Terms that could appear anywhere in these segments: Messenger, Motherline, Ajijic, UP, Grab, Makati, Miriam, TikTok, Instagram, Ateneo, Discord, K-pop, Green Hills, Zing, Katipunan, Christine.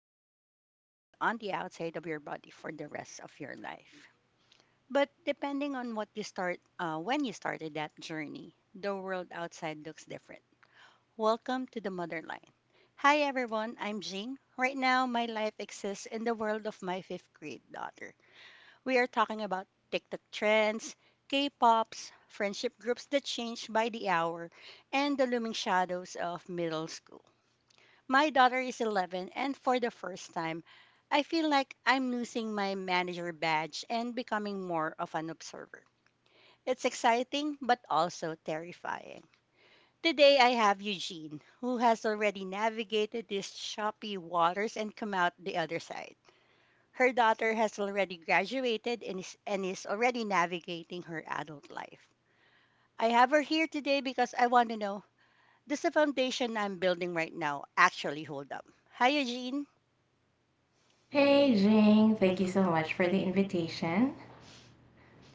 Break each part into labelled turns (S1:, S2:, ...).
S1: wearing your heart on the outside of your body for the rest of your life. But depending on what you start, when you started that journey, the world outside looks different. Welcome to the Motherline. Hi everyone, I'm Jean. Right now, my life exists in the world of my fifth grade daughter. We are talking about TikTok trends, K-pops, friendship groups that change by the hour, and the looming shadows of middle school. My daughter is 11, and for the first time, I feel like I'm losing my manager badge and becoming more of an observer. It's exciting, but also terrifying. Today, I have Eugene, who has already navigated these choppy waters and come out the other side. Her daughter has already graduated and is already navigating her adult life. I have her here today because I want to know, does the foundation I'm building right now actually hold up? Hi, Eugene.
S2: Hey, Zing. Thank you so much for the invitation.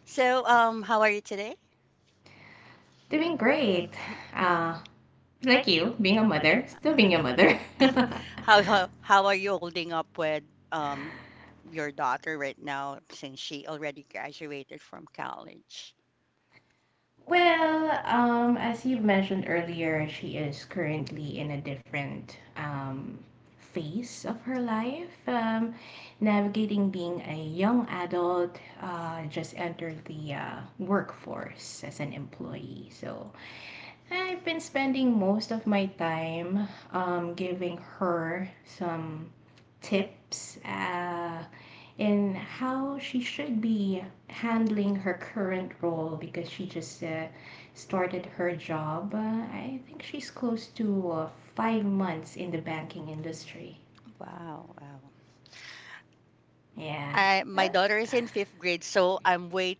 S1: So, how are you today?
S2: Doing great. Uh, like you, being a mother, still being a mother.
S1: How are you holding up with um your daughter right now since she already graduated from college?
S2: As you've mentioned earlier, she is currently in a different um phase of her life. Navigating being a young adult, just entered the workforce as an employee. So I've been spending most of my time giving her some tips uh, in how she should be handling her current role because she just started her job. I think she's close to 5 months in the banking industry.
S1: Wow, wow.
S2: Yeah.
S1: I
S2: Uh,
S1: My daughter is in fifth grade, so I'm way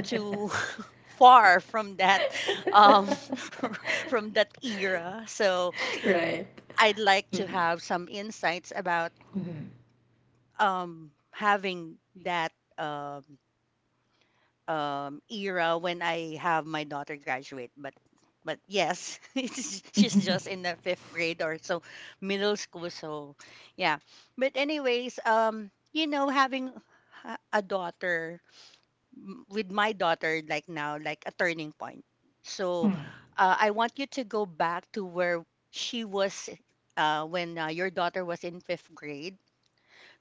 S1: too far from that um from that era. So
S2: Right.
S1: I'd like to
S2: Mm-hmm.
S1: have some insights about
S2: Mm-hmm.
S1: having that um era when I have my daughter graduate, but yes, she's just in the fifth grade or so, middle school. So yeah, but anyways, you know, having ha- a daughter with my daughter like now, like a turning point. So,
S2: Mm,
S1: I want you to go back to where she was when your daughter was in fifth grade.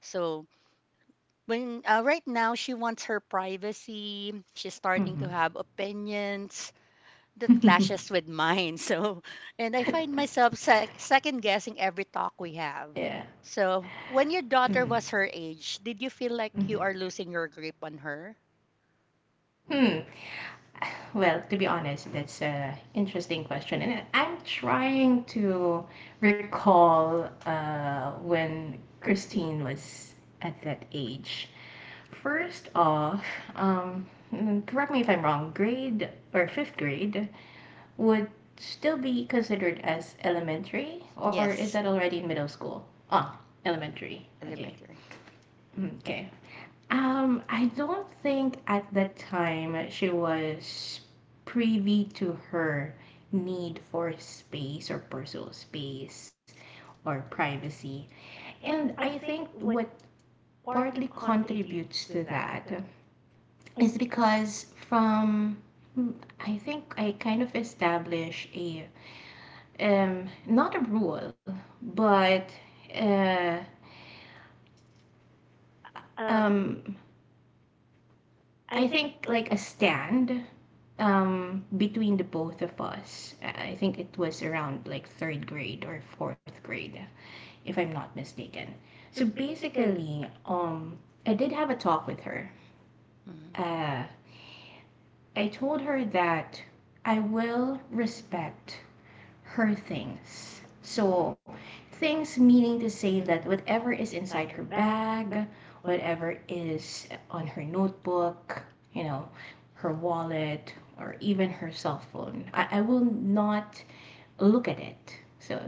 S1: So when, right now she wants her privacy, she's starting to
S2: mhm.
S1: have opinions that clashes with mine. So, and I find myself second guessing every talk we have.
S2: Yeah.
S1: So when your daughter
S2: Mhm.
S1: was her age, did you feel like
S2: Mhm.
S1: you are losing your grip on her?
S2: Mm. To be honest, that's a interesting question, and I'm trying to recall when Christine was at that age. First off, um, correct me if I'm wrong, grade or fifth grade would still be considered as elementary, or is that
S1: Yes,
S2: already in middle school? Ah, elementary. Okay.
S1: elementary.
S2: Okay. I don't think at that time she was privy to her need for space or personal space or privacy. And I think what partly contributes to that, it's because from mm, I think I kind of established a not a rule, but uh um I think like a stand between the both of us. I think it was around like third grade or fourth grade, if I'm not mistaken. So basically, um I did have a talk with her.
S1: Mm-hmm.
S2: Uh I told her that I will respect her thing. So things meaning to say that whatever is inside her bag, whatever is on her notebook, you know, her wallet, or even her cell phone, I will not look at it. So,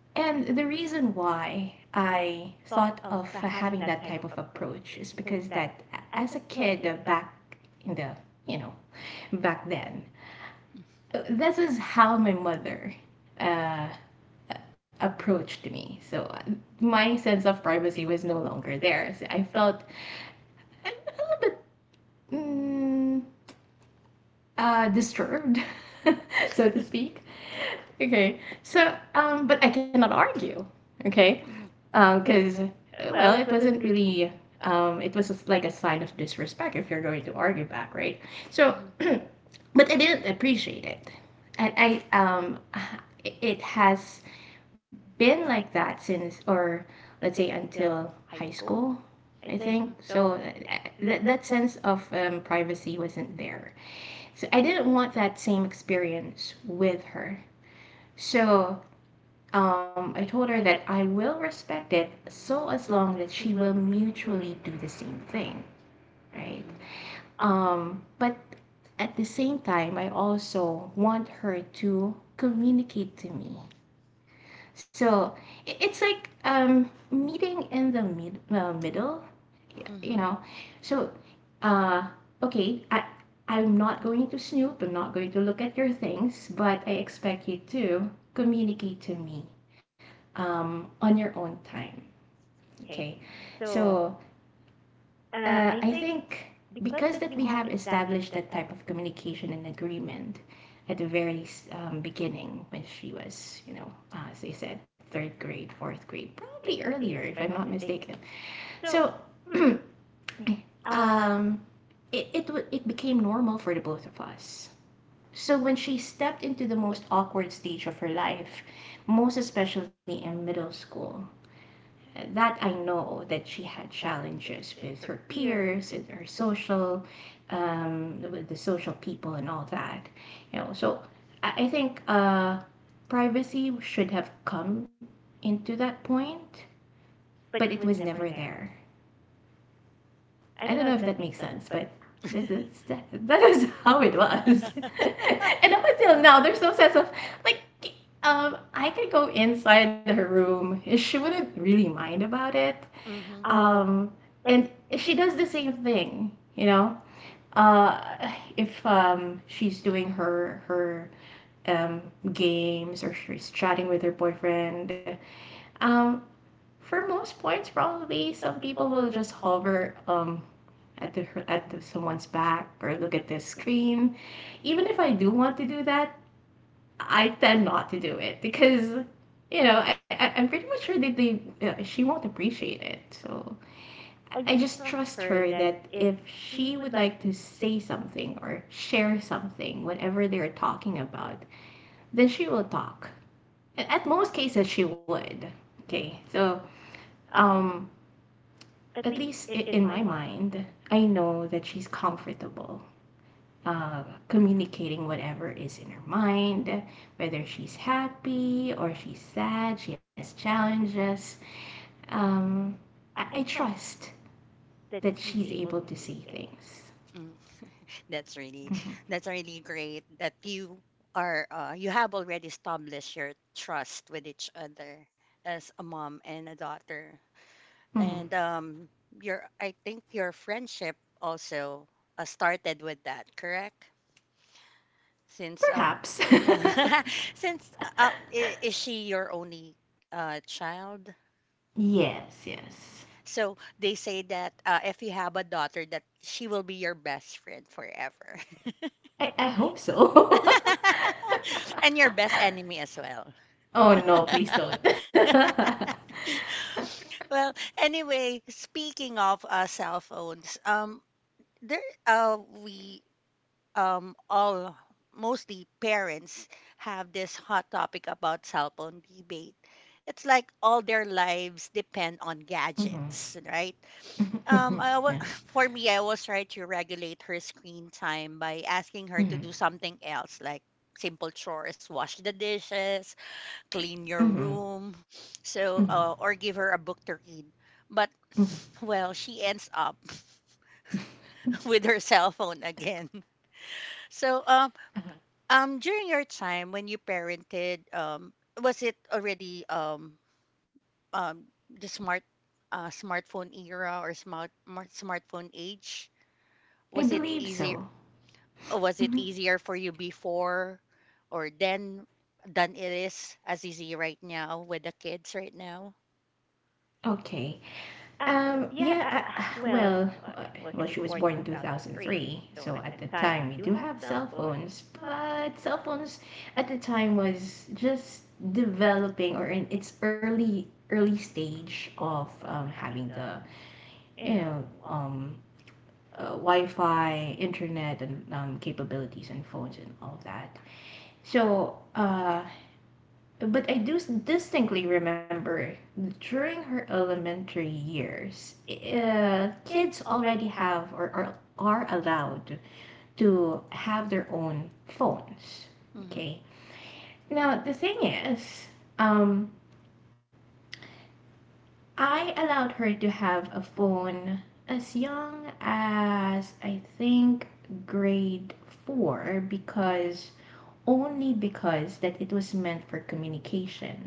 S2: and the reason why I thought of having that type of approach is because that as a kid back in the, you know, back then, that was how my mother uh, approached me. So uh, my sense of privacy was no longer there. So I felt I was a little bit disturbed, so to speak. Okay. So, but I cannot argue. Okay.
S1: Mm-hmm.
S2: Because, it wasn't really, it was just like a sign of disrespect if you're going to argue back, right? So, but I didn't appreciate it. And I, um, it has been like that since, or let's say until high school, I think.
S1: Mm-hmm.
S2: So that that sense of privacy wasn't there. I didn't want that same experience with her. So I told her that I will respect it so as long that we will mutually do the same thing, right? But at the same time, I also want her to communicate to me. So it was like um meeting in the middle, you
S1: Mm-hmm.
S2: know. So uh okay, I'm not going to snoop, I'm not going to look at your things, but I expect you to communicate to me on your own time. Okay. So I think because that we have established that type of communication and agreement at the very beginning when she was, you know, they said third grade, fourth grade, probably earlier if I'm not mistaken. So, hmm, eh, um, it became normal for the both of us. So when she stepped into the most awkward stage of her life, most especially in middle school, that I know that she had challenges with her peers, with her social, with the social people and all that. You know, so I think privacy should have come into that point, but it was never there. I don't know if that makes sense, but that is that, that is how it was. But up until now, there's no sense of like I could go inside her room and she wouldn't really mind about it.
S1: Mm-hmm.
S2: Um and if she does the same thing, you know, uh if she's doing her um games or she's chatting with her boyfriend, um for most points probably some people will just hover at the, at someone's back or look at their screen. Even if I do want to do that, I tend not to do it because you know I'm pretty much sure that they won't appreciate it. So I just trust her that if she would like to say something or share something, whatever they're talking about, then she will talk. At most cases, she would. Okay, so um, at least in my mind, I know that she's comfortable uh, communicating whatever is in her mind, whether she's happy or she's sad, she has challenges. Um, I trust that she's able to say things.
S1: Mm-hmm. That's really
S2: Hmm
S1: that's really great that you have already established your trust with each other as a mom and a daughter.
S2: hmm
S1: And your, I think your friendship also, started with that, correct? Since
S2: Perhaps,
S1: since, is she your only child?
S2: yes, yes.
S1: So they say that, if you have a daughter that she will be your best friend forever.
S2: I hope so.
S1: And your best enemy as well.
S2: Oh no, please don't.
S1: Well, anyway, speaking of, cell phones, there, we all, mostly parents, have this hot topic about cell phone debate. It's like all their lives depend on
S2: hmm
S1: gadgets, right? Um, I wa-
S2: yeah.
S1: for me, I was try to regulate her screen time by asking her to
S2: hmm
S1: do something else, like simple chores, wash the dishes, clean your
S2: hmm
S1: room,
S2: hmm
S1: or give her a book to read. But
S2: hmm
S1: well, she ends up with her cell phone again. So,
S2: I
S1: during your time when you parented, was it already um the smart smartphone era or smartphone age? Was it
S2: believe
S1: easier?
S2: so.
S1: Was it
S2: Hmm
S1: easier for you before or then than it is as easy right now with the kids right now?
S2: Okay. Um, yeah, uh, well, uh, she was born in 2003, so at the time we do have cell phones, but cell phones at the time was just developing or in its early stage of having the you know um Wi-Fi, internet, and capabilities and phones and all that. So but I do distinctly remember during her elementary years, kids already have or are allowed to have their own phone.
S1: Mm-hmm.
S2: Okay. Now the thing is, um, I allowed her to have a phone as young as I think grade four
S1: Mm.
S2: because only because that it was meant for communication.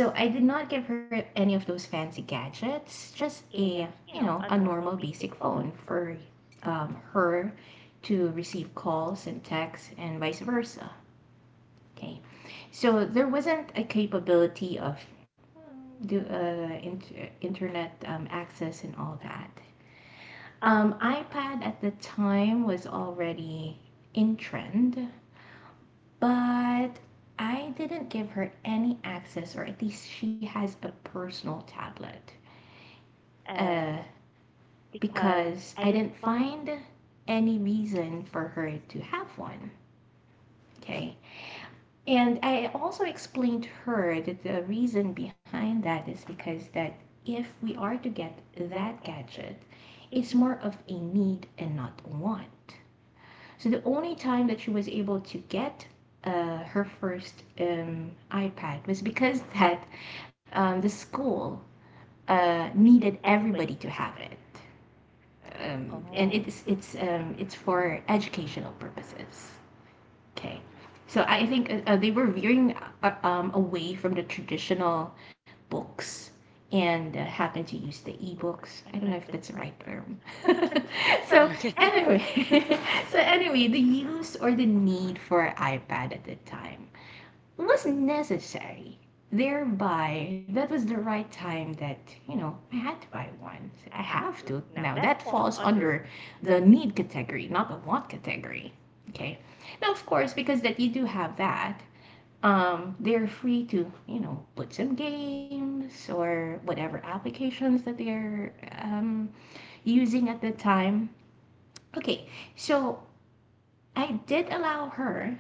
S2: So I did not give her any of those fancy gadgets. Just a, you know, a normal basic phone for um, her to receive calls and texts and vice versa. Okay. So there wasn't a capability of internet access and all that. iPad at the time was already in trend, but I didn't give her any access, or at least she has a personal tablet, uh, because I didn't find any reason for her to have one. Okay. And I also explained to her that the reason behind that is because that if we are to get that gadget, it's more of a need and not a want. So the only time that she was able to get her first iPad was because that the school needed everybody to have it. um, and
S1: Oh.
S2: it's for educational purposes. Okay,
S1: Okay.
S2: so I think they were veering away from the traditional books and happened to use the e-book. I don't know if that's the right term. so anyway, So anyway, the use or the need for iPad at this time was necessary. Thereby, that was the right time that, you know, I had to buy one. I have to. Now, that falls under the need category, not the want category. Okay. So, of course, because that you do have that, they're free to, you know, put some games or whatever applications that they're um, using at that time. Okay. So, I did allow her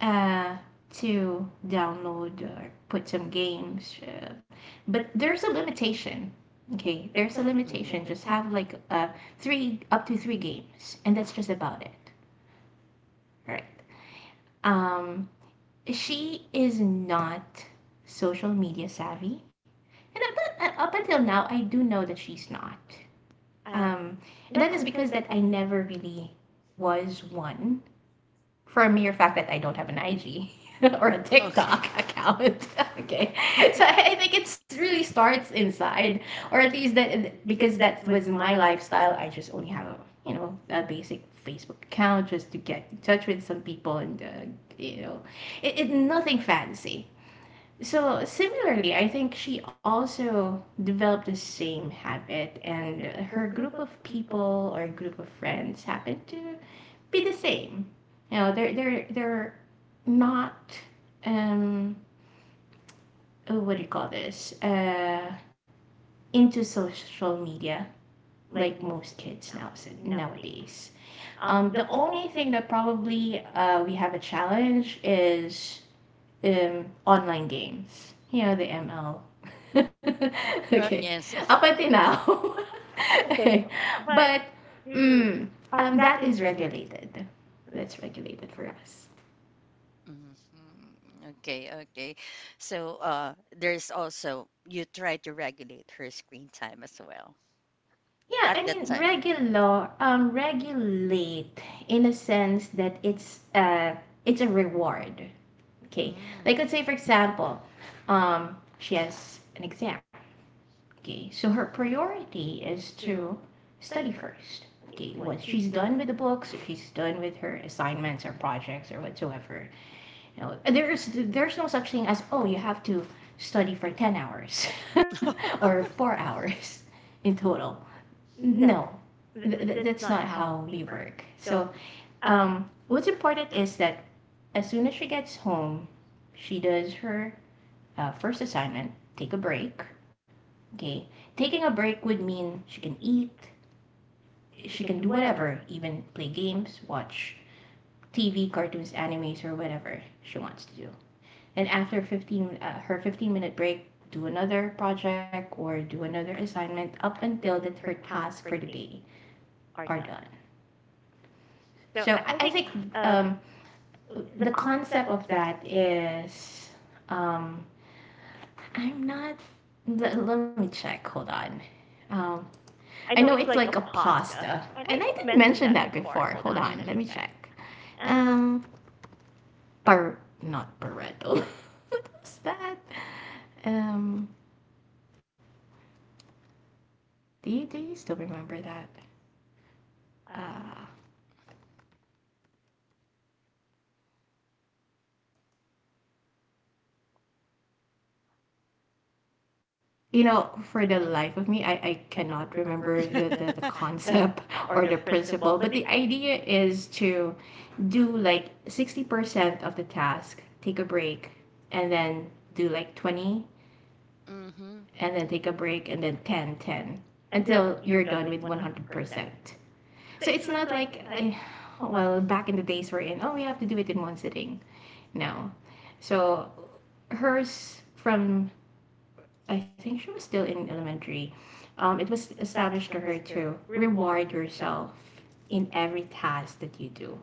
S2: uh, to download or put some games. Uh, but there's a limitation. Okay, there's a
S1: Mhm.
S2: limitation. Just have like three up to three games, and that's just about it. Um, she is not social media savvy, and up until now, I do know that she's not. Um, that is because that I never really was one, for a mere fact that I don't have an IG or a
S1: Okay.
S2: TikTok account. Okay. I was like, it really starts inside, or at least that because that was my lifestyle. I just only have, a, you know, a basic Facebook account just to get in touch with some people and, you know, it, it's nothing fancy. So similarly, I think she also developed the same habit, and her group of people or group of friends happens to be the same. You know, they're not um oh, what do you call this into social media like most kids nowadays. The only thing that probably we have a challenge is online game. You know,
S1: Mm.
S2: the ML.
S1: Oh,
S2: okay.
S1: yes.
S2: I'll now. okay. But mm, that is regulated. That's regulated, correct.
S1: Mhm. Okay, okay. So, there's also you try to regulate her screen time as well
S2: Yeah,
S1: at
S2: I mean
S1: that time.
S2: regular regulate in a sense that uh it's a reward. Okay. Like
S1: Mm.
S2: let's say for example, um yes, an exam. Okay. So her priority is to study first. Okay, once she's done with the books, if she's done with her assignments or projects or whatsoever, you know, there's there's no such thing as oh you have to study for 10 hours or 4 hours in total. No, that's not how we work. So what's important is that as soon as she gets home, she does her first assignment, take a break. Okay, taking a break would mean she can eat, she can do whatever, even play games, watch TV, cartoons, animator, whatever they want to do. And after her 15-minute break, do another project or do another assignment up until that her tasks for the day are done. So I think, um, the concept of that is, um, I'm not. Let me check. Hold on. Um, I know it's like a pasta, and I did mention that before. Hold on. Let
S1: Mm-mm.
S2: me check. Um, Bar not Barretto. What's that? Um, Really? Don't remember that. Uh, you know, for the life of me, I cannot remember the concept or the principle, but the idea is to do like 60% of the task, take a break, and then do like 20,
S1: Mm-hmm.
S2: and then take a break, and then ten until you're done with 100%. So it's not like, well, back in the days we're in, oh, we have to do it in one sitting now. So hers from I think she was still in elementary. It was established for her to reward yourself in every task that you do.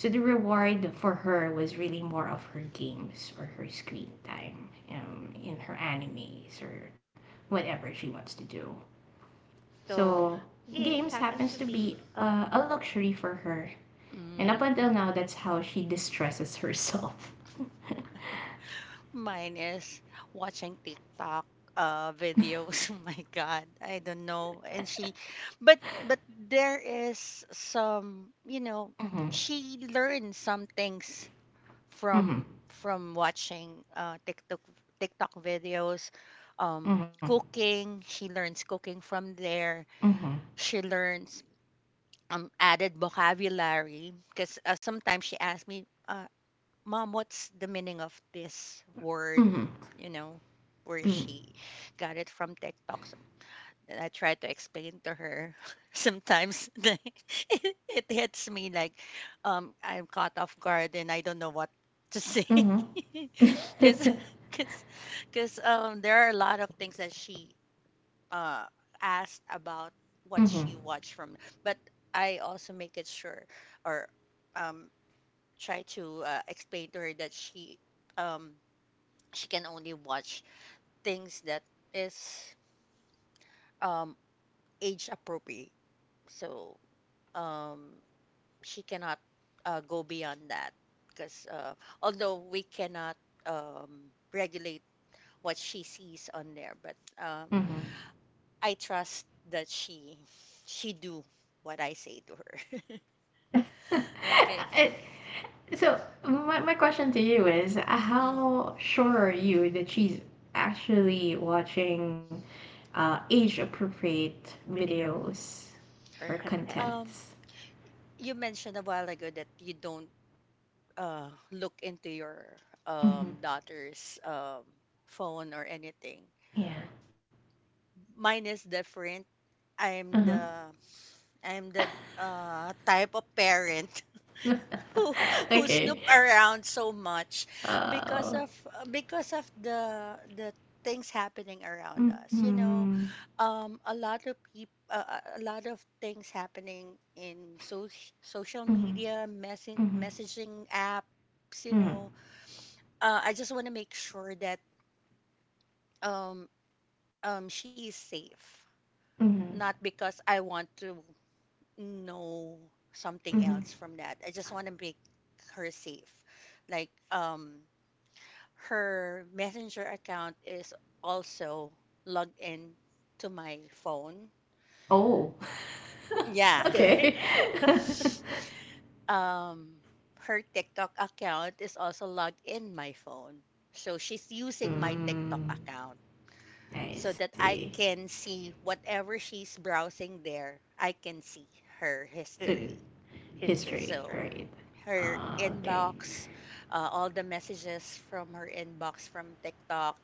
S2: So the reward for her was really more of her games or her screen time, in her animes or whatever she wants to do. So games happens to be a luxury for her, and up until
S1: Mm.
S2: now, that's how she distresses herself.
S1: Mine is watching TikTok videos. Oh my God, I don't know. But there is some, you know, she learned some things
S2: Mhm.
S1: from watching, TikTok videos,
S2: Mhm.
S1: cooking. She learns cooking from there.
S2: Mhm.
S1: She learns, added vocabulary because, sometimes she asks me, "Mom, what's the meaning of this word?"
S2: Mhm.
S1: You know, where
S2: Mhm.
S1: she got it from TikTok. So, and I try to explain to her. Sometimes it hits me like, I'm caught off guard and I don't know what to say.
S2: Mhm. Mhm.
S1: Because because because, there are a lot of things that she, uh, asked about what
S2: Mhm.
S1: she watched from. But I also make it sure, or um, try to, explain to her that um, she can only watch things that is, um, age appropriate. So, um, she cannot, go beyond that because, although we cannot, regulate what she sees on there, but, um,
S2: Mhm.
S1: I trust that she do what I say to her.
S2: Uh,
S1: Okay.
S2: So my question to you is,
S1: Mm.
S2: how sure are you that she's actually watching age-appropriate videos or content?
S1: Um, you mentioned a while ago that you don't, look into your,
S2: Mm-hmm.
S1: daughter's, phone or anything.
S2: Yeah.
S1: Mine is different. I'm
S2: Mm-hmm.
S1: the I'm the, type of parent who who
S2: Okay.
S1: snoop around so much because
S2: Uh.
S1: of because of the things happening around us. You
S2: Mm-hmm.
S1: know, a lot of people, a lot of things happening in social
S2: Mm-hmm.
S1: media, message
S2: Mm-hmm.
S1: messaging apps. You know,
S2: Mm-hmm.
S1: I just want to make sure that um she is safe,
S2: Mm-hmm.
S1: not because I want to. No, something else
S2: Mm-hmm.
S1: from that. I just want to make her safe. Like, her Messenger account is also logged in to my phone.
S2: Oh.
S1: Yeah.
S2: Okay.
S1: Um, Her TikTok account is also logged in my phone. So she's using my TikTok
S2: Mm,
S1: account
S2: I
S1: so that
S2: see.
S1: I can see whatever she's browsing there. I can see her
S2: So,
S1: history.
S2: history,
S1: So
S2: right?
S1: her
S2: Ah, okay.
S1: inbox, all the messages from her inbox from TikTok,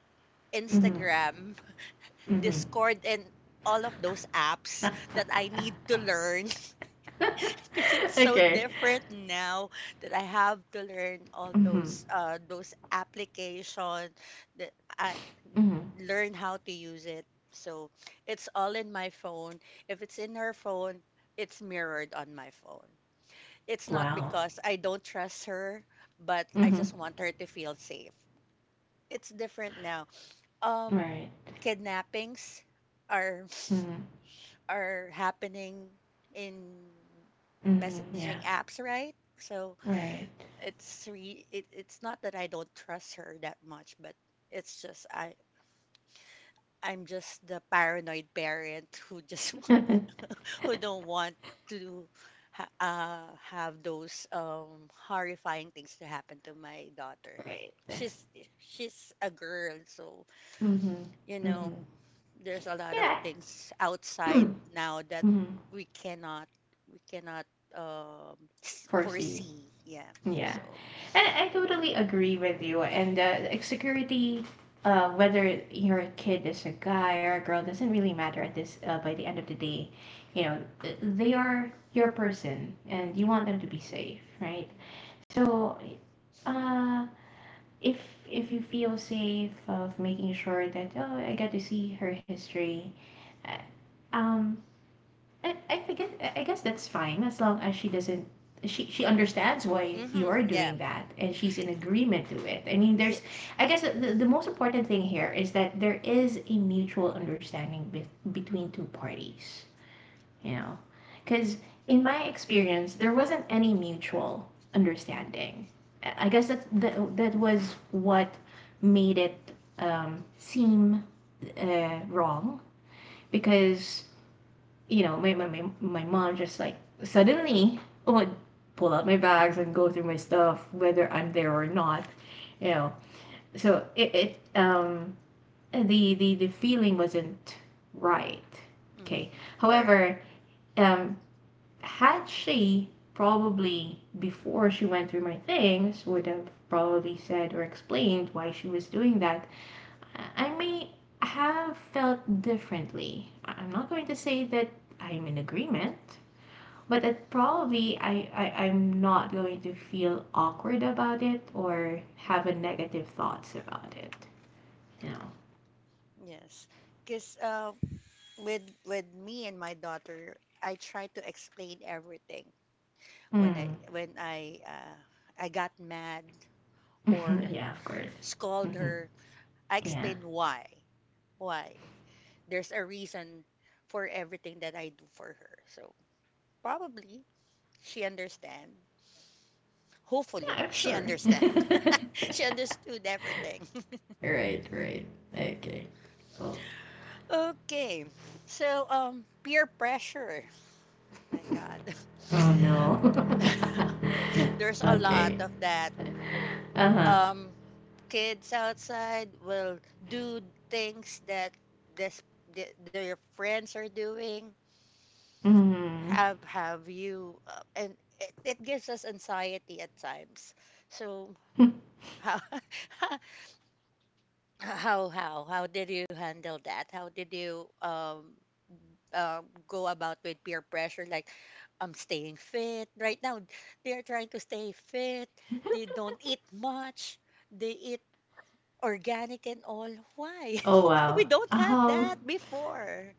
S2: Mm-hmm.
S1: Instagram,
S2: Mm-hmm.
S1: Discord, and all of those apps that I need to learn because it's so
S2: Okay.
S1: different now that I have to learn all
S2: Mhm.
S1: those, those application that I
S2: Mhm.
S1: learn how to use it. So it's all in my phone. If it's in her phone, it's mirrored on my phone. It's not
S2: Wow.
S1: because I don't trust her, but I
S2: Mhm.
S1: just want her to feel safe. It's different now. Um,
S2: Right.
S1: Kidnappings are
S2: Mhm.
S1: are happening in
S2: Mhm.
S1: messaging
S2: Yeah.
S1: apps, right? So
S2: Right.
S1: it's not that I don't trust her that much, but it's just I'm just the paranoid parent who just who don't want to, have those, horrifying things to happen to my daughter.
S2: Right.
S1: She's she's a girl, so
S2: Mhm.
S1: you
S2: Mhm.
S1: know there's a lot of
S2: Yeah.
S1: things outside now that
S2: Mhm.
S1: we cannot we cannot, um,
S2: Courtesy.
S1: foresee. Yeah.
S2: Yeah.
S1: So.
S2: And I totally agree with you. And like, security, whether your kid is a guy or a girl, doesn't really matter at this. By the end of the day, you know, they are your person, and you want them to be safe, right? So, uh, if if you feel safe of making sure that oh I got to see her history, I- um, I think it's— I guess that's fine as long as she doesn't, she understands why
S1: Mm-hmm.
S2: you're
S1: Yeah.
S2: doing that and she's in agreement to it. I mean, there's,
S1: Yes.
S2: I guess, the most important thing here is that there is a mutual understanding, between two parties, you know, because in my experience, there wasn't any mutual understanding. I guess that was what made it, um, seem, wrong because, you know, my mom just like suddenly would pull out my bags and go through my stuff whether I'm there or not, you know. So it um the feeling wasn't right. Okay.
S1: Mm-hmm. Correct.
S2: However, um actually, probably before she went through my things, would have probably said or explained why she was doing that. I may have felt differently. I'm not going to say that I'm in agreement, but it's probably, I'm not going to feel awkward about it or have a negative thoughts about it. No.
S1: Yes. Because, with me and my daughter, I try to explain everything.
S2: Hmm.
S1: When I, I got mad or
S2: Yeah, of course.
S1: scold
S2: Hmm.
S1: her, I
S2: Yeah. Yeah,
S1: explain why. Why? There's a reason for everything that I do for her. So probably she understand. Hopefully
S2: I'm
S1: she
S2: sure.
S1: understand. She understood everything.
S2: Right, right. Okay. Cool.
S1: Okay. So, peer pressure. My God.
S2: Oh oh, no.
S1: You know, there's a lot
S2: Okay.
S1: of that,
S2: Uh-huh.
S1: um kids outside will do things that, this their friends are doing,
S2: Mhm.
S1: have you and it gives us anxiety at times. So how how did you handle that? How did you, go about with peer pressure? Like, I'm staying fit right now, they're trying to stay fit, they don't eat much, they eat organic and all. Why?
S2: Oh, wow.
S1: We don't have that before.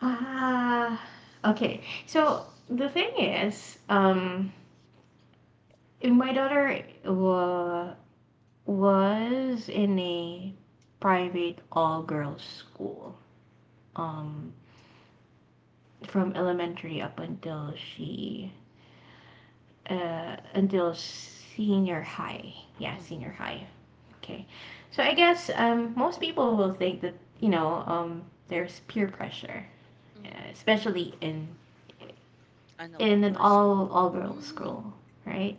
S2: ah, okay. So the thing is, um, my daughter wa was in a private all-girls school, um, from elementary up until the until senior high. Yeah,
S1: Mm-hmm.
S2: senior high. Okay. So I guess, most people will think that, you know, there's peer pressure,
S1: Mm-hmm.
S2: especially
S1: Ano, all
S2: in an
S1: girls school.
S2: all girls
S1: Mm-hmm.
S2: school, right?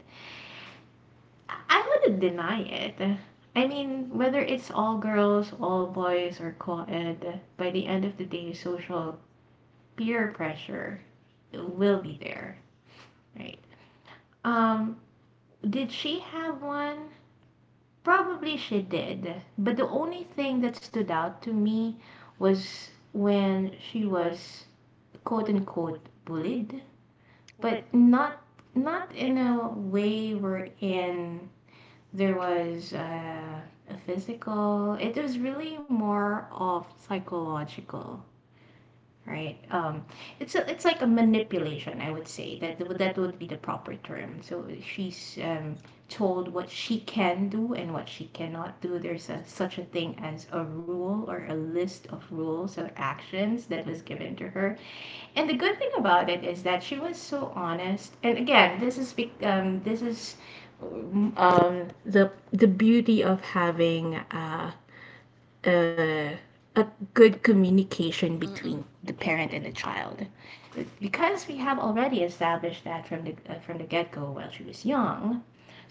S2: I wouldn't deny it. I mean, whether it's all girls, all boys, or co ed, by the end of the day, social peer pressure will be there, right? Um, did she have one? Probably she did. But the only thing that stood out to me was when she was quote unquote bullied,
S1: Wow.
S2: but not in a way wherein, there was a physical. It is really more of psychological, right? It's a, it's like a manipulation, I would say. That would be the proper term. So she um told what she can do and what she cannot do. There's a, such a thing as a rule or a list of rules or actions that was given to her. And the good thing about it is that she was so honest. And again, this is, um um, the the beauty of having, a a good communication between
S1: Mm-mm.
S2: the parent and the child. But because we have already established that, from the get go while she was young,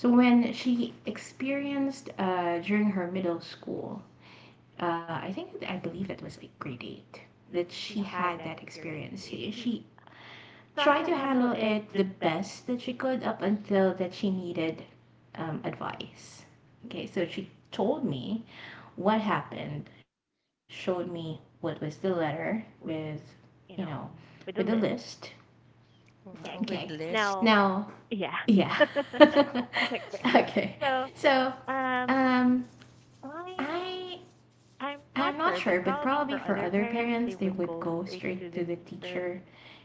S2: so when she experienced, during her middle school, I think that I believe that was like grade 8, that she had that experience. She tried to handle it the best that she could up until that she needed, advice. Okay, so she told me what happened, told me what was the letter with, you know, with the list. Okay.
S1: Wow, with
S2: Now,
S1: list.
S2: yeah. Okay, great. So, um, I I'm not sure, but probably for other parents, they would go straight to the teacher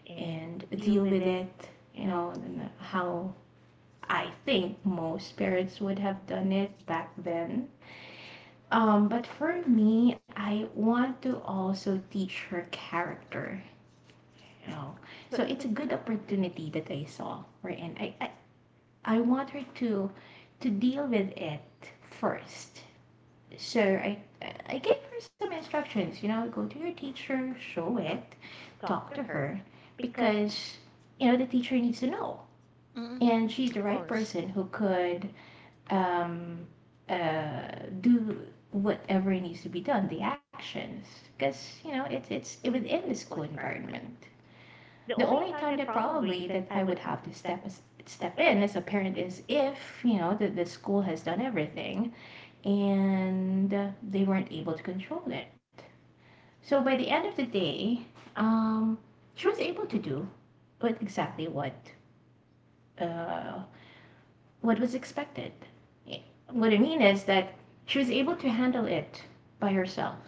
S2: and deal with it. You know, and then how I think most parents would have done it back then. But for me, I want to also teach her character, you know. So it's a good opportunity that I saw for, and I want her to deal with it first. So I gave her some instructions, you know, go to your teacher, show it, talk to her because, you know, the teacher needs to know.
S1: Mm-mm.
S2: And she's
S1: Of
S2: the right
S1: course.
S2: person who could, um uh do whatever needs to be done, the action, because, you know, it's within the school environment. The only time that probably that I would have to step in as a parent is if, you know, the school has done everything and, they weren't able to control it. So by the end of the day, um she was able to do, exactly uh what was expected. I- What I mean is that she was able to handle it by herself.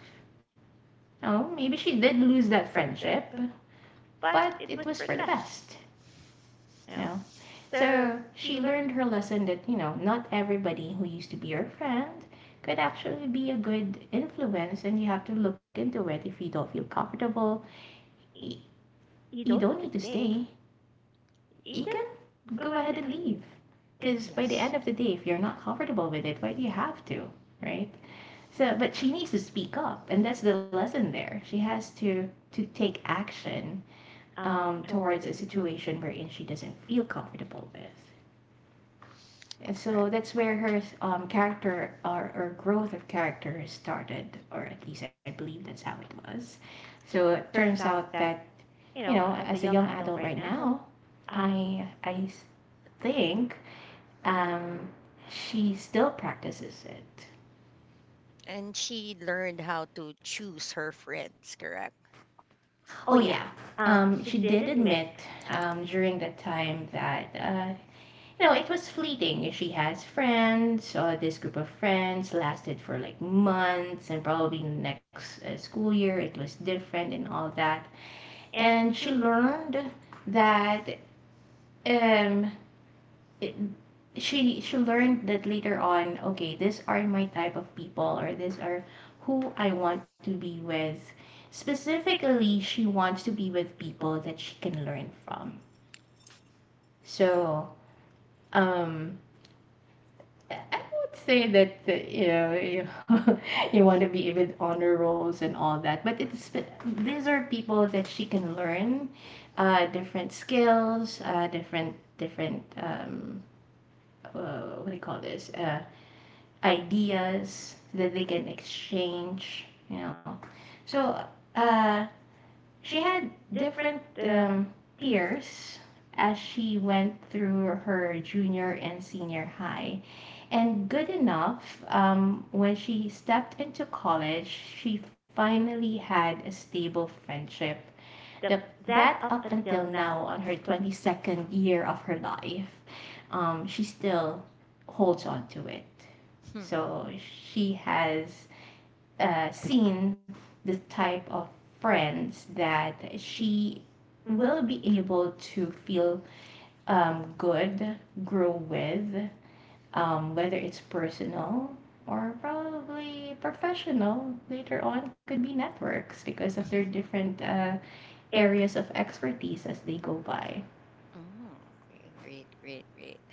S2: Now, maybe she did lose that friendship, but it was for the best, you know. So she learned her lesson that, you know, not everybody who used to be your friend could actually be a good influence, and you have to look into it if you don't feel comfortable. y- You don't need to stay. You
S1: Yeah.
S2: can go ahead and leave. Because by the
S1: Yes.
S2: end of the day, if you're not comfortable with it, why do you have to, right? So, but they need to speak up, and that's the lesson there. They has to take action, towards a situation wherein she doesn't feel comfortable with. And so
S1: Correct.
S2: that's where her, character, or growth of character started, or at least I believe that's how it was. So it turns out that, you know, as a young adult right now, I think, um she still practices it.
S1: And she learned how to choose her friends, correct?
S2: Oh yeah, she did admit, during the time that, no, it was fleeting. If we had friends, this group of friends lasted for like months and probably the next, school year it was different and all that. And she learned that, um it, she learned that later on, okay, these are my type of people or these are who I want to be with. Specifically, she wants to be with people that she can learn from. So, um I would say that, you know, you you want to be with honor rolls and all that, but it's, these are people that they can learn, different skills, different, what do you call this, ideas that they can exchange, you know. So, uh she had different, peers as she went through her junior and senior high. And good enough, when she stepped into college, she finally had a stable friendship. The, that up until now, on her 22nd year of her life, she still holds on to it.
S1: Hmm.
S2: So she has, seen this type of friend that she will be able to feel, good grow with, whether it's personal or probably professional later on could be network because of their different, areas of expertise as they go by.
S1: Mm, okay, great, great, great.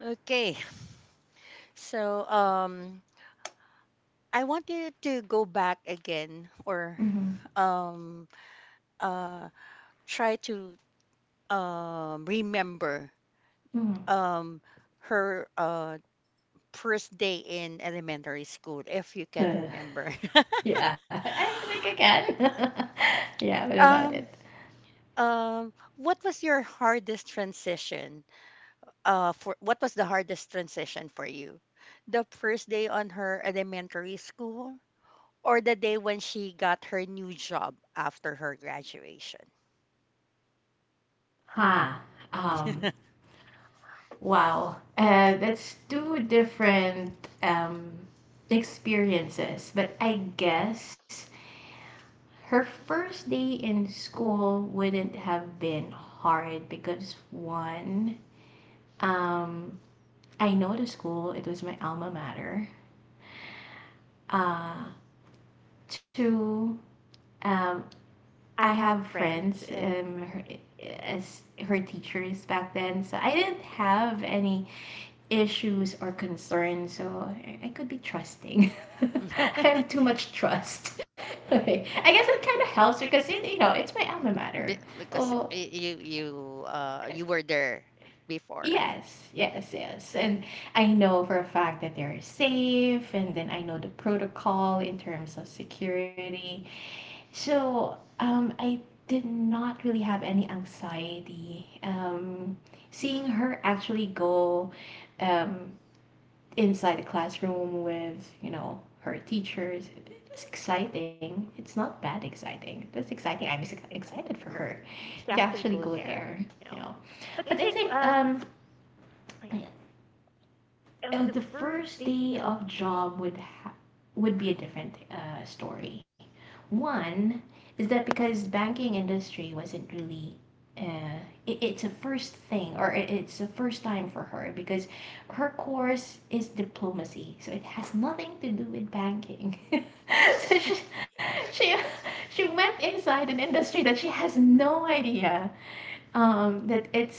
S1: Okay, so, I want you to go back again, or,
S2: Hmm.
S1: um, uh, try to, remember,
S2: Hmm.
S1: um, her, first day in elementary school, if you can
S2: Uh,
S1: remember.
S2: yeah, I think I can. Yeah, what about it?
S1: Um, what was your hardest transition? For what was the hardest transition for you? The first day on her elementary school, or the day when she got her new job after her graduation?
S2: Ha. Um. Wow. That's two different um experiences, but I guess her birthday in school wouldn't have been hard because one, um, I know the school. It was my alma mater. Uh, two, um, I have friends, her, as her teachers back then, so I didn't have any issues or concerns. So I could be trusting. I have too much trust. Okay, helps because it. It's my alma mater.
S1: Because,
S2: So.
S1: you
S2: eh,
S1: you were there before.
S2: Yes, yes, yes. And I know for a fact that they're safe, and then I know the protocol in terms of security. So, I did not really have any anxiety. Seeing her actually go, um, inside the classroom with, you know, her teachers, exciting. It's not that exciting. It's exciting. I'm excited for her to actually go there, you know. But I think, the first day of job would be a different story. One is that because banking industry wasn't really it's the first thing or it's the first time for her because her course is diplomacy, so it has nothing to do with banking. She went inside an industry that she has no idea that it's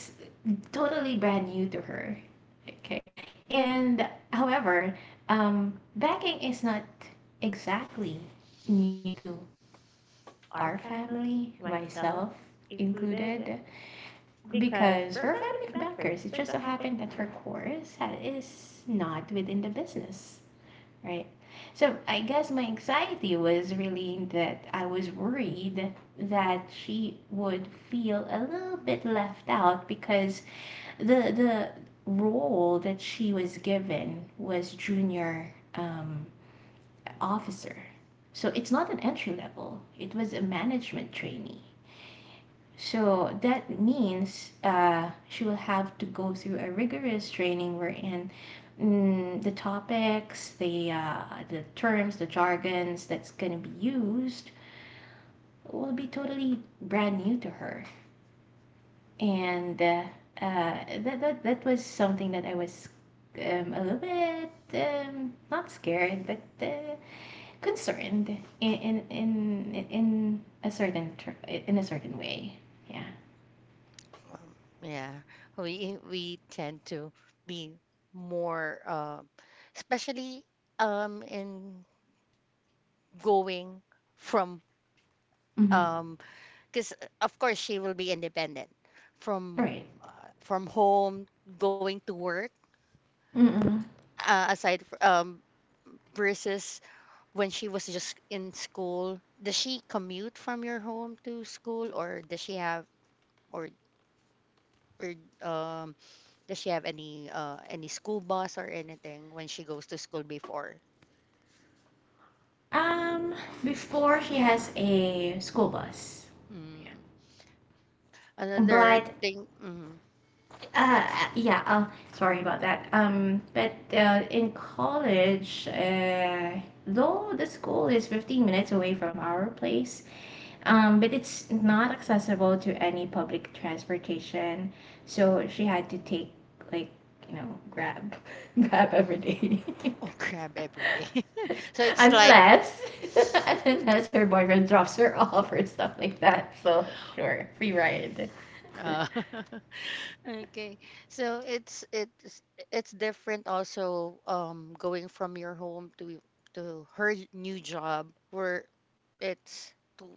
S2: totally brand new to her. Okay. And however, begging is not exactly new to our family, myself included, because we're family bankers. It just so happened that her course is not within the business, right? So I guess my anxiety was really that I was worried that she would feel a little bit left out because the role that he was given was junior um, officer. So it's not an entry level. It was a management training. So that means he will have to go through a rigorous training wherein the topics, the terms, the jargons that's going to be used will be totally brand new to her. And uh, that was something that I was a little bit not scared, but concerned in in in in a certain way. Yeah.
S1: Um, Yeah, we tend to be more, especially, in going from,
S2: Mm-hmm.
S1: um because of course she will be independent from,
S2: Right.
S1: from home going to work,
S2: Mm-mm.
S1: uh, aside f- um versus when she was just in school. Does she commute from your home to school, or or or um does she have any school bus or anything when she goes to school before?
S2: Um, before he has a school bus.
S1: Mm.
S2: Yeah.
S1: Another
S2: But
S1: thing, mm,
S2: uh, yeah. Sorry about that. But in college, though the school is 15 minutes away from our place. But it's not accessible to any public transportation, so she had to take like you know grab grab every day.
S1: oh, grab everything. So it's like,
S2: Unless her boyfriend dropped her off or stuff like that. So or free ride.
S1: uh, okay. So it's different also, going from your home to her new job where, it's to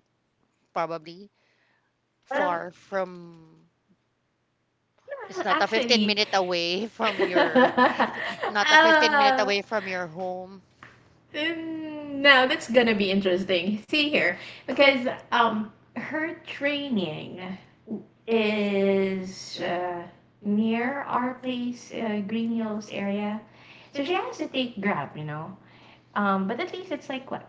S1: probably
S2: Um,
S1: far from, it's
S2: no,
S1: not a 15
S2: actually,
S1: minute away from your not a 15 minute
S2: ah,
S1: away from your home.
S2: mm, now that's gonna be interesting. See here, because um, her training w- is uh near our place, Green Hills area. Because we have to take Grab, you know. But at least it's like what,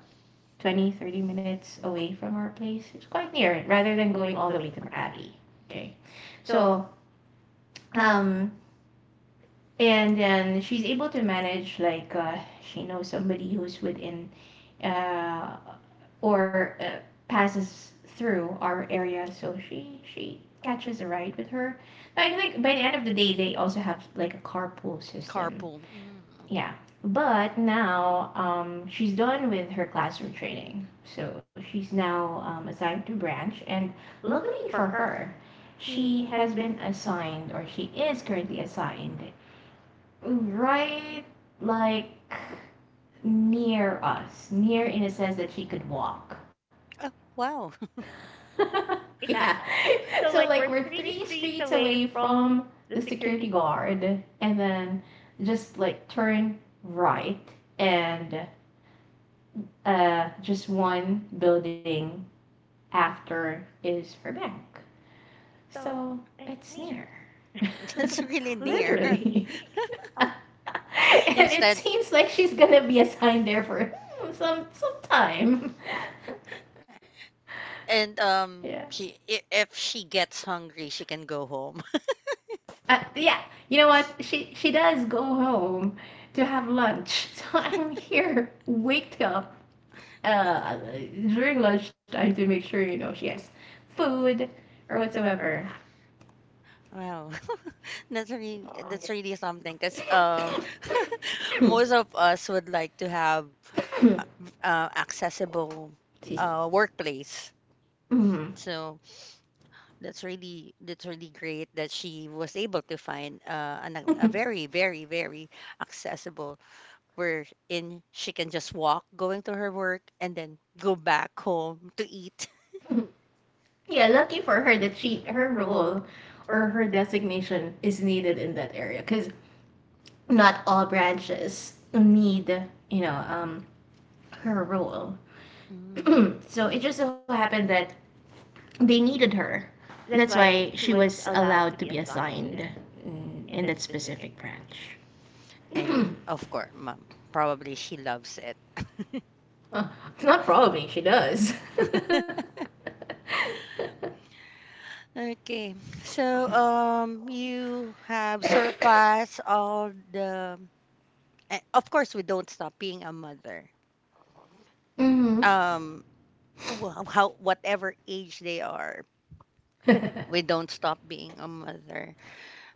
S2: 20, 30 minutes away from our place. It's quite near, rather than going all the way to Makati. Okay, so um. And then if he's able to manage like you know somebody who's within uh or passes through our area, so she catches a ride with her. So I think by the end of the day they also have like a carpool system.
S1: Carpool. Mm, okay.
S2: Yeah, but now she's done with her classroom training, so she's now assigned to branch. And luckily for her, she has been assigned or she is currently assigned, right, like near us, near in a sense that we could walk.
S1: Oh, wow.
S2: Yeah. So like we're three streets away from the security guard and then just like turn right and just one building after is her bank. So it's near.
S1: That's really near.
S2: Literally. But it
S1: Instead,
S2: seems like there's gonna be a time there for sometime.
S1: and
S2: Yeah.
S1: she I- If she gets hungry, she can go home.
S2: But yeah, you know what? She does go home to have lunch. I'm here, but wake up uh during lunchtime to make sure you know she has food or whatsoever.
S1: Wow.
S2: Oh.
S1: That's really something. 'Cause, most of us would like to have, uh, accessible workplace.
S2: Mm-hmm.
S1: So that's really great that she was able to find a very accessible wherein she can just walk going to her work and then go back home to eat.
S2: Mhm. Yeah, lucky for her that she her role or her designation is needed in that area because not all branches need you know her role.
S1: Mm.
S2: So it just so happened that they needed her. That's why she was allowed to be assigned, in that specific branch.
S1: And of course, mom, probably she loves it.
S2: Uh, not probably, she does.
S1: Okay, so you have surpassed Of course, we don't stop being a mother.
S2: Mm-hmm.
S1: Um, how whatever age they are, we don't stop being a mother.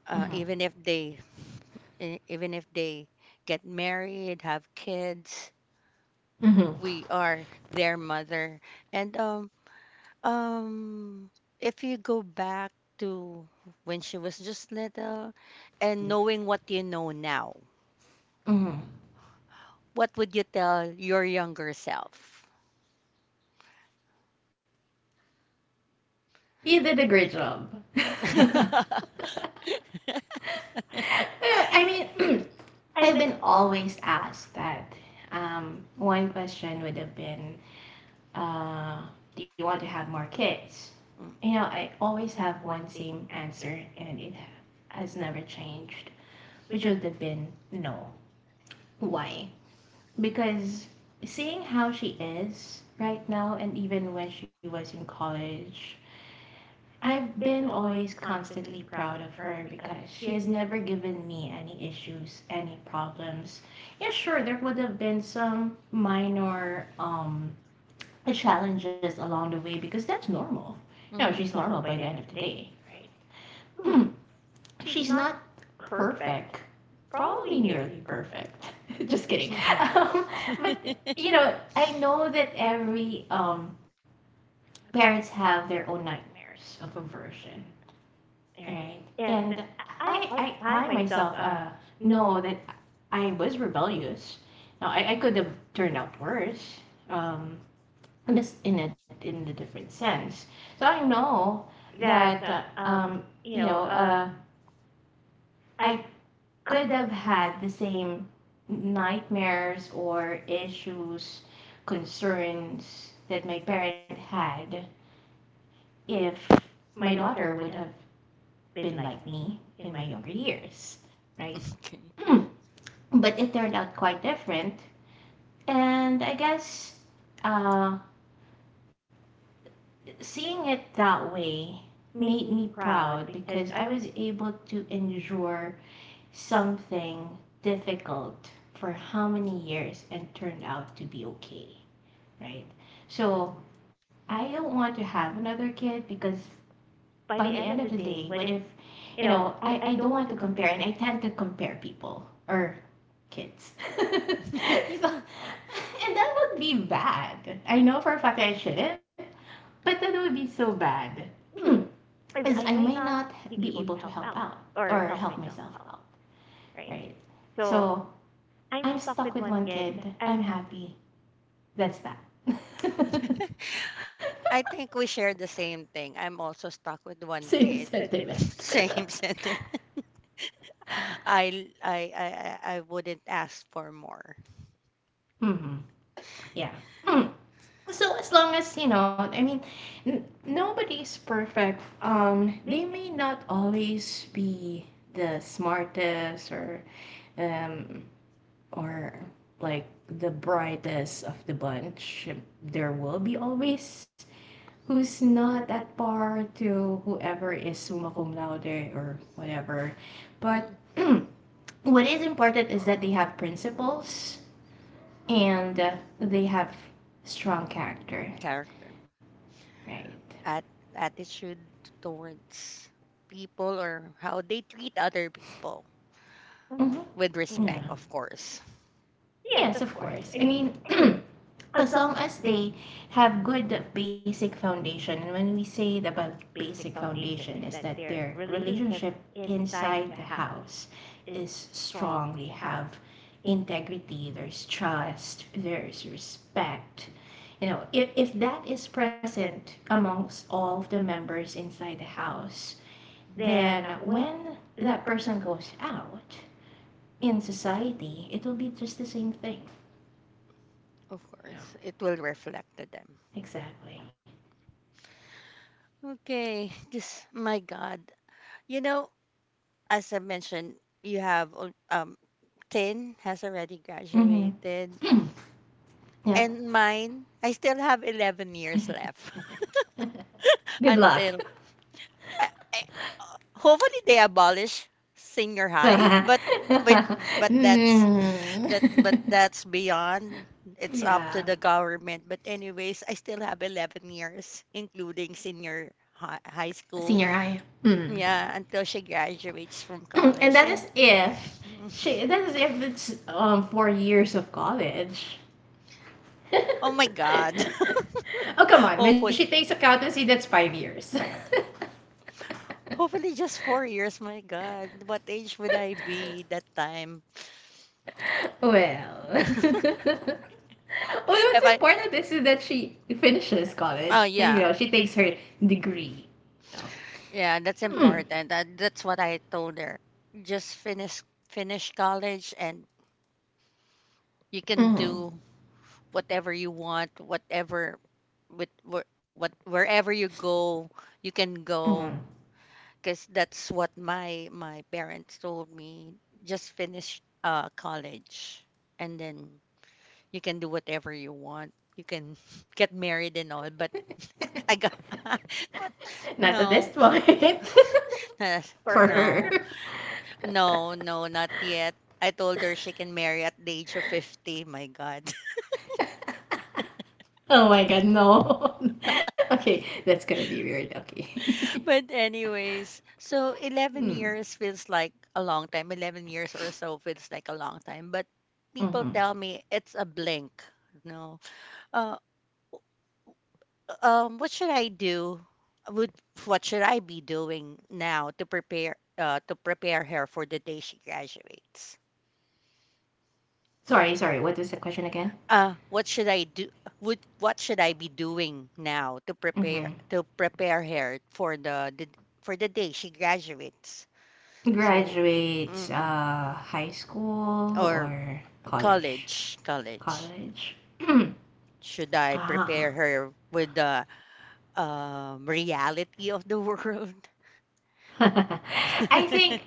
S2: Mm-hmm.
S1: Even if even if they get married, have kids,
S2: Mm-hmm.
S1: we are their mother. And um if you go back to when she was just little and knowing what you know now,
S2: Mm-hmm.
S1: what would you tell your younger self?
S2: You did a great job. Yeah, I mean, I've been always asked that. One question would have been, uh, do you want to have more kids? You know, I always have one same answer, and it has never changed, which would have been no. Why? Because seeing how she is right now and even when she was in college, I've been always constantly proud of her because she has never given me any issues, any problems. Yes, sure, there would have been some minor challenges along the way because that's normal. No, she's
S1: Hmm.
S2: normal by the end of the day, right? Hmm, she's not perfect, probably nearly perfect. Kidding. But you know, I know that every parents have their own nightmares of conversion, right? And I myself know that I was rebellious. No, I could have turned out worse, um, but in a different sense. So I know that you know I could have had the same nightmares or issues concern that my parent had if my daughter would have been like me in my younger years, right?
S1: Okay.
S2: Hmm. But it turned out quite different. And I guess uh, seeing it that way made me proud because I was able to endure something difficult for how many years and turned out to be okay, right? So I don't want to have another kid because by the end of the day, what if you know, I don't want to compare and I tend to compare people or kids. And that would be bad. I know for a fact that I didn't, but that would be so bad. Because I may not be able to help out or help myself out. Right. So I'm stuck with one kid. I'm happy. That's that.
S1: I think we share the same thing. I'm also stuck with one kid.
S2: That's it.
S1: Same sentiment. I wouldn't ask for more.
S2: Hmm. Yeah. Well, so as long as you know, I mean, n- nobody's perfect. They may not always be the smartest or um or like the brightest of the bunch. There there will be always who's not at par to whoever is summa cum laude or whatever. But
S1: Mm,
S2: mm, what is important is that they have principles and they have strong character,
S1: character.
S2: right?
S1: At Attitude towards people or how they treat other people with
S2: Mm-hmm. Yeah.
S1: respect, of course.
S2: Yes, of course. I mean, as long as they have good basic foundation, and when we say about basic foundation, is that their relationship inside the house is strong. They have integrity, there's trust, there's respect. You know, if that is present among all the members inside the house, then when that person goes out in society, it will be just the same thing.
S1: Of
S2: You know,
S1: course, it will reflect to them.
S2: exactly.
S1: Okay, just my God. You know, as I mentioned, you have 10 has already
S2: Mhm.
S1: graduated,
S2: Yep.
S1: and mine, I still have 11 years left
S2: Good luck.
S1: until I, I, hopefully they abolish senior high, but but that's
S2: Mm.
S1: That but that's beyond. It's up to
S2: Yeah,
S1: the government. But anyways, I still have 11 years, including senior high school.
S2: senior high. Mm.
S1: Yeah, until she graduates from
S2: And
S1: college.
S2: that is
S1: And
S2: if see, that is if it's 4 years of college.
S1: oh my God,
S2: Oh come on, when she
S1: hopefully,
S2: takes accountancy, that's 5 years.
S1: hopefully just 4 years. My God, what age would I be that time?
S2: Well, well,
S1: If
S2: what's
S1: I,
S2: important is to that she finishes college.
S1: oh
S2: So, you know,
S1: yeah,
S2: she takes her degree. No.
S1: yeah, that's
S2: Mm.
S1: important. That's what I told her. Just finish college and you can
S2: Mm.
S1: do whatever you want, whatever with where, what wherever you go, you can
S2: Mm.
S1: go because that's what my parents told me. Just finish college and then you can do whatever you want. You can get married and all, but I got but
S2: Not that this
S1: no,
S2: one
S1: uh,
S2: for her.
S1: no, no, no, not yet. I told her she can marry at the age of 50. My God.
S2: Oh my God, no. Okay, that's gonna be weird. Okay.
S1: But anyways, so 11
S2: Hmm.
S1: years feels like a long time. 11 years or so feels like a long time, but people
S2: Mm-hmm.
S1: tell me it's a blink. No. Uh, what should I do? Would what should I be doing now to prepare her for the day she graduates?
S2: Sorry, sorry. What is the question again?
S1: What should I do? Would what should I be doing now
S2: Hmm.
S1: to prepare her for the for the day she graduates? So,
S2: Graduate
S1: mm-mm.
S2: high school
S1: Or
S2: or college?
S1: college, college.
S2: College.
S1: Should I prepare
S2: Ah.
S1: her with the reality of the world?
S2: I think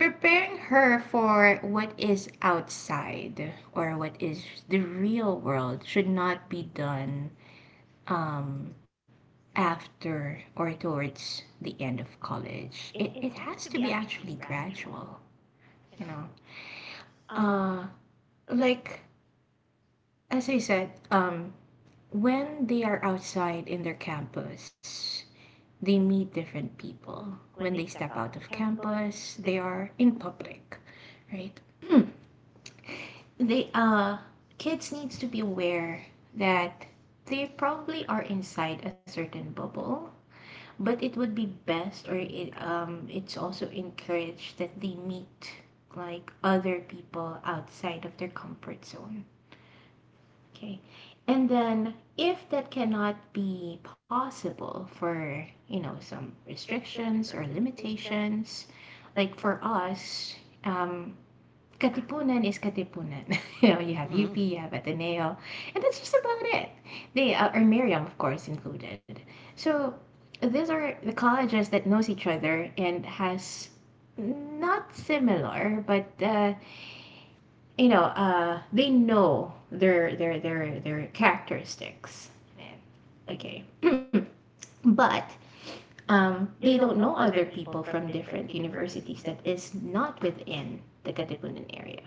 S2: preparing her for what is outside or what is the real world should not be done um after or towards the end of college. It has to be actually gradual, you know. Uh, like as I said, when they are outside in their campus, they meet different people. When they step out of campus, they are in public, right? Hmm. They kids need to be aware that they probably are inside a certain bubble, but it would be best, or it's also encouraged that they meet like other people outside of their comfort zone. Okay. And then if that cannot be possible for, you know, some restrictions or limitations, like for us, um, Katipunan is Katipunan. You know, you have
S1: Mm.
S2: UP, you have Ateneo, and that's about it. They or Miriam, of course, included. So these are the colleges that knows each other and has not similar, but you know, they know their characteristics. Yeah. Okay, but they don't know other people from different universities that is not within the Katipunan area.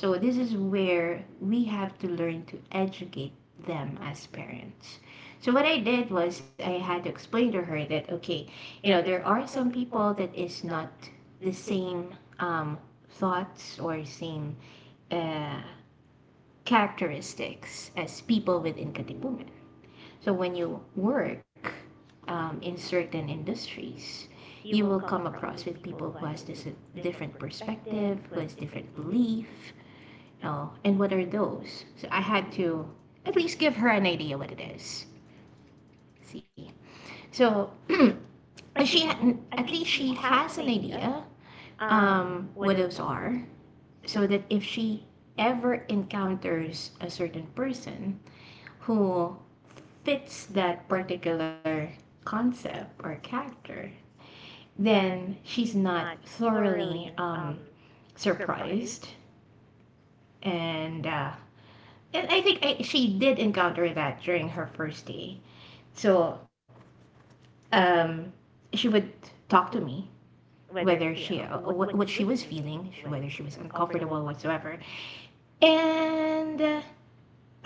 S2: So this is where we have to learn to educate them as parents. So what I did was I had to explain to her that okay, you know, there are some people that is not the same um thoughts or same uh characteristics as people within Katipunan. So when you work in certain industries, you will come across with people who has different perspective, who has different beliefs. Oh, and what are those? So I had to at least give her an idea what it is. See, so like she, at least she has an idea what those are, so that if she ever encounters a certain person who fit that particular concept or character, then she's not thoroughly surprised. And uh, and I think she did encounter that during her first day. So um, she would talk to me whether she what she was feeling, whether she was uncomfortable whatsoever, and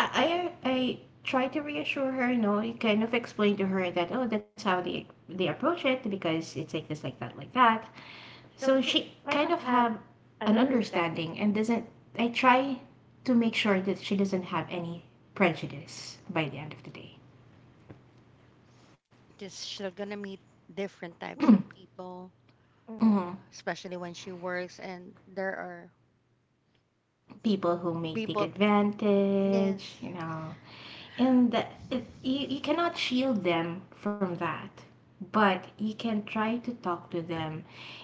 S2: I tried to reassure her. You know, you kind of explain to her that oh, that's how they approach it because it's like this, like that, like that. So she kind of have an understanding and doesn't. I try to make sure that she doesn't have any prejudice by the end of the day.
S1: Just she's gonna meet different types of people,
S2: Hmm. Hmm.
S1: especially when she works, and there are
S2: People who may take
S1: people.
S2: advantage,
S1: Yes,
S2: you know, and the, it, you cannot heal them from that, but you can try to talk to them.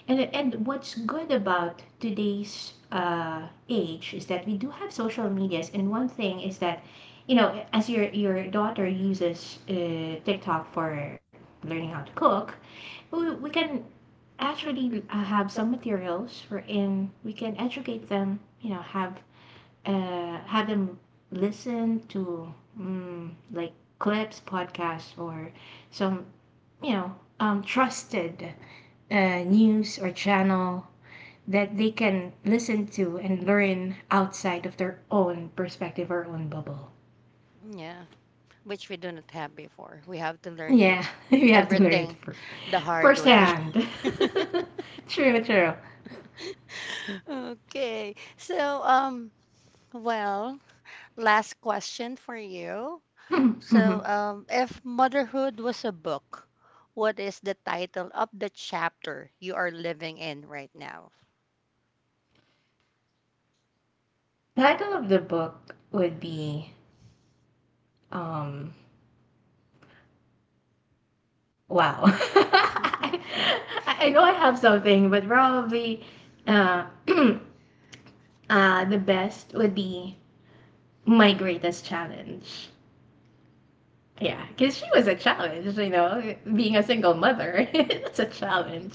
S2: And what's good about today's uh age is that we do have social medias, and one thing is that, you know, as your daughter uses TikTok for learning how to cook, we can actually have some materials for, and we can educate them, you know, have them listen to um, like clip podcasts or some, you know, trusted news or channel that they can listen to and learn outside of their own perspective or own bubble.
S1: yeah, which we do not have before. We have to learn it,
S2: Yeah, you have to learn it
S1: everything, the hard way.
S2: firsthand. True, true.
S1: Okay, so well, last question for you. So, if motherhood was a book, what is the title of the chapter you are living in right now?
S2: Title of the book would be um wow. I know I have something, but probably uh, hmm, the best would be my greatest talent. Yeah, because she
S1: The,
S2: was a talent, you know, being a single mother is a talent.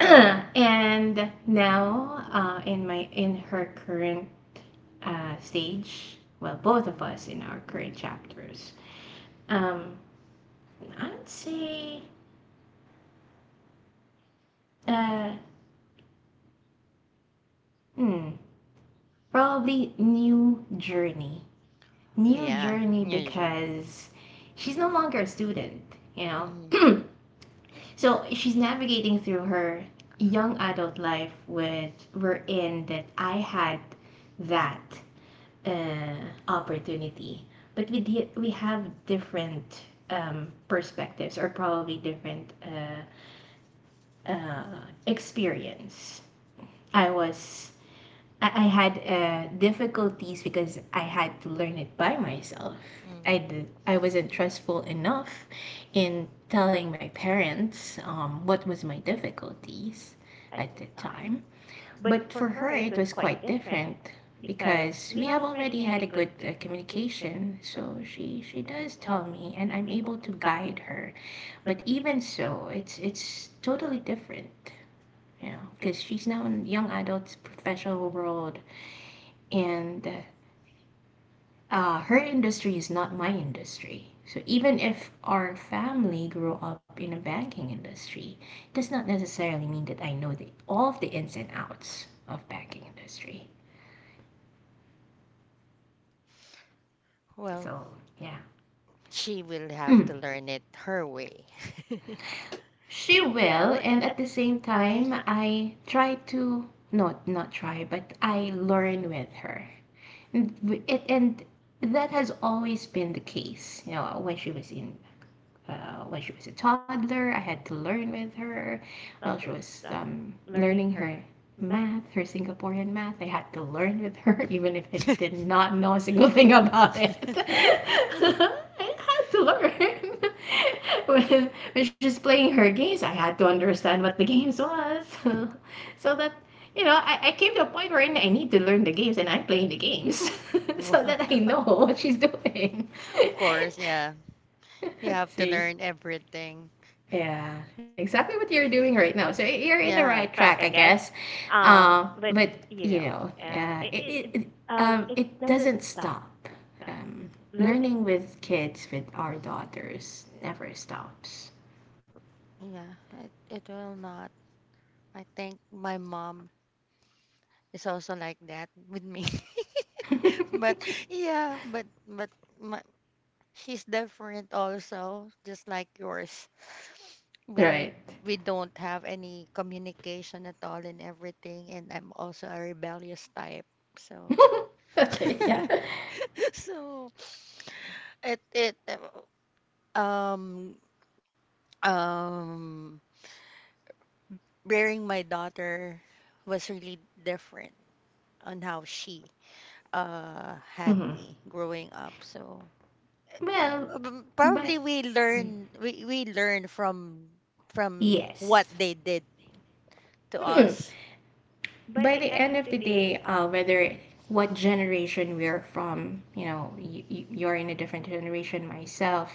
S1: yeah,
S2: And now, in my in her current stage, well, both of us in our current chapters, um, I'd say uh, hmm, probably journey, new
S1: yeah,
S2: journey
S1: usually.
S2: because she's no longer a student, you know.
S1: Mm,
S2: Hmm. So it's navigating through her young adult life with we're in that I had that opportunity, but we have different perspectives or probably different uh, uh, experience. I was I had difficulties because I had to learn it by myself.
S1: mm.
S2: I wasn't trustful enough in telling my parents what was my difficulty at this time. But for her, it was quite different because we have already had a good communication. So she does tell me, and I'm able to guide her. But even so, it's totally different, you know, because she's now a young adult professional world, and her industry is not my industry. So even if our family grew up in a banking industry, does not necessarily mean that I know the all the ins and outs of banking industry.
S1: Well,
S2: So yeah.
S1: she will have
S2: Hmm.
S1: to learn it her way.
S2: Still will, and at the same time, I try to, no, not try, but I learn with her. And w- It and that has always been the case, you know, with like with the toddler. I had to learn with her, well, like with um, learning her math, her Singaporean math. I had to learn with her, even if I did not know a single thing about it. To learn. Or if she's playing her games, I had to understand what the games was. So, so that, you know, I came to a point where I need to learn the games, and I'm playing the games.
S1: Of
S2: So that I know what to do.
S1: course, yeah. You have to
S2: See?
S1: learn everything.
S2: Yeah, exactly what you're doing right now. So you're in the right
S1: Yeah,
S2: track, I guess. But you know, it doesn't stop. Um, learning with kids with our daughters never stops,
S1: yeah, it will not. I think my mom is also like that with me. But yeah, my, she's different also, just like yours.
S2: right?
S1: We we don't have any communication at all and everything, and I'm also a rebellious type. So
S2: Okay, yeah.
S1: so it um um rearing my daughter was really different on how she had
S2: Hmm.
S1: me growing up. So
S2: Well, but
S1: probably we learn
S2: yes.
S1: from what they did to
S2: Hmm.
S1: us.
S2: By the end of the day, whether what generation we are from, you know, you, you're in a different generation myself,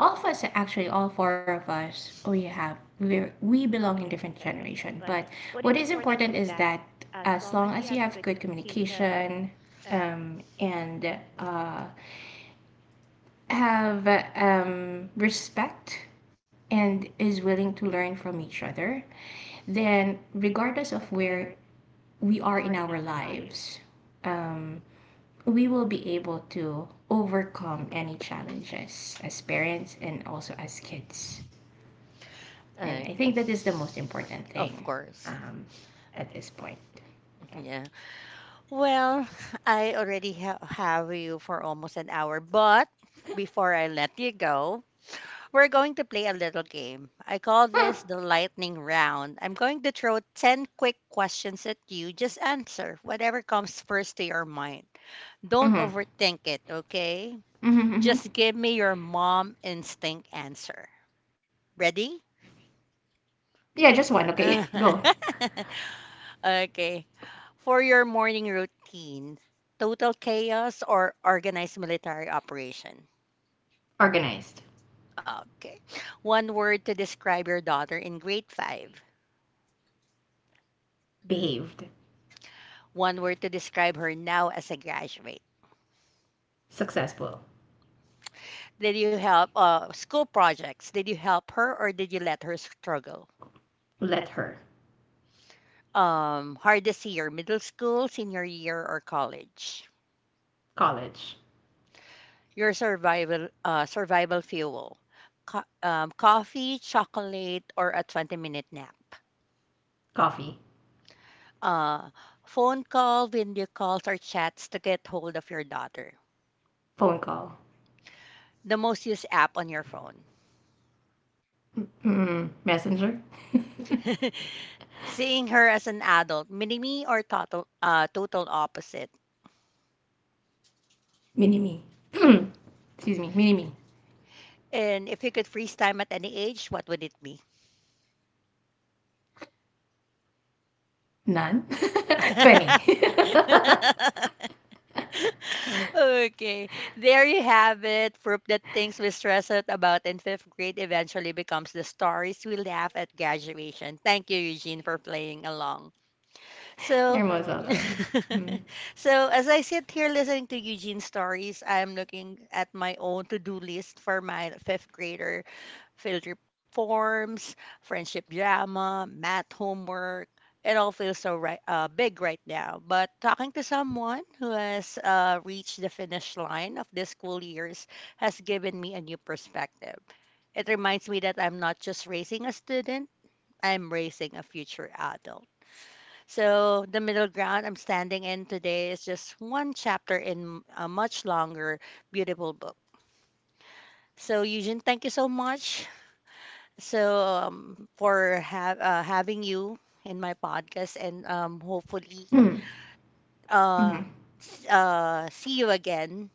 S2: all but actually all four of us, we have we belong in different generation, but what is important is that as long as you have good communication um and uh have um respect and is willing to learn from each other, then regardless of where we are in our lives, um we will be able to overcome any challenges as parents and also as kids. And
S1: Ah,
S2: I think
S1: okay,
S2: that is the most important thing,
S1: of course.
S2: um, at this point. Yeah.
S1: Yeah. Well, I already have you for almost an hour, but before I let you go, we're going to play a little game. I call this the lightning round. I'm going to throw 10 quick questions at you. Just answer whatever comes first to your mind. Don't
S2: Mm-hmm.
S1: overthink it, okay?
S2: Mm-hmm, mm-hmm.
S1: Just give me your mom instinct answer. Ready?
S2: Yeah, just one. Okay. Go.
S1: Okay. For your morning routine, total chaos or organized military operation?
S2: Organize.
S1: Okay. One word to describe your daughter in grade five.
S2: Behave.
S1: One word to describe her now as a graduate.
S2: Successful.
S1: Did you help school projects? Did you help her or did you let her struggle?
S2: Let her.
S1: Hardest year, middle school, senior year, or college?
S2: College.
S1: Your survival fuel. Coffee, chocolate, or a 20-minute nap?
S2: Coffee.
S1: Uh, phone call, video calls, or chats to get hold of your daughter.
S2: Phone call.
S1: The most used app on your phone.
S2: Mm-hmm. Messenger.
S1: Seeing her as an adult, mini me or total opposite.
S2: Mini me. Excuse me. Mini me.
S1: And if you could freeze time at any age, what would it be?
S2: None. Funny.
S1: Okay, there you have it. Proof that things we stress out about in fifth grade eventually becomes the stories we laugh at graduation. Thank you, Eugene, for playing along. So,
S2: You're most welcome. Mm-hmm.
S1: so as I sit here listening to Eugene's stories, I'm looking at my own to-do list for my fifth grader: field trip forms, friendship drama, math homework. It all feels so big right now. But talking to someone who has reached the finish line of this school years has given me a new perspective. It reminds me that I'm not just raising a student, I'm raising a future adult. So the middle ground I'm standing in today is just one chapter in a much longer, beautiful book. So Eugene, thank you so much. So for ha having you in my podcast, and hopefully
S2: Mm-hmm. Mm-hmm.
S1: uh, see you again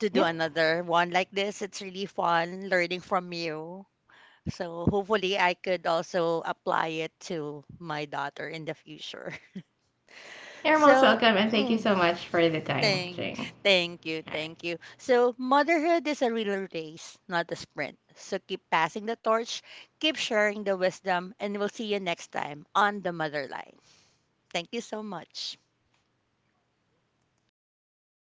S1: to do
S2: Yep.
S1: another one like this. It's really fun learning from you. So hopefully I could also apply it to my daughter in the future.
S2: You're most
S1: So.
S2: welcome. And thank you so
S1: Mm,
S2: much for the time thing.
S1: Thank,
S2: All
S1: thank you,
S2: right.
S1: thank you. So, motherhood is a real race, not a sprint. So, keep passing the torch, keep sharing the wisdom, and we'll see you next time on the Mother Line. Thank you so much.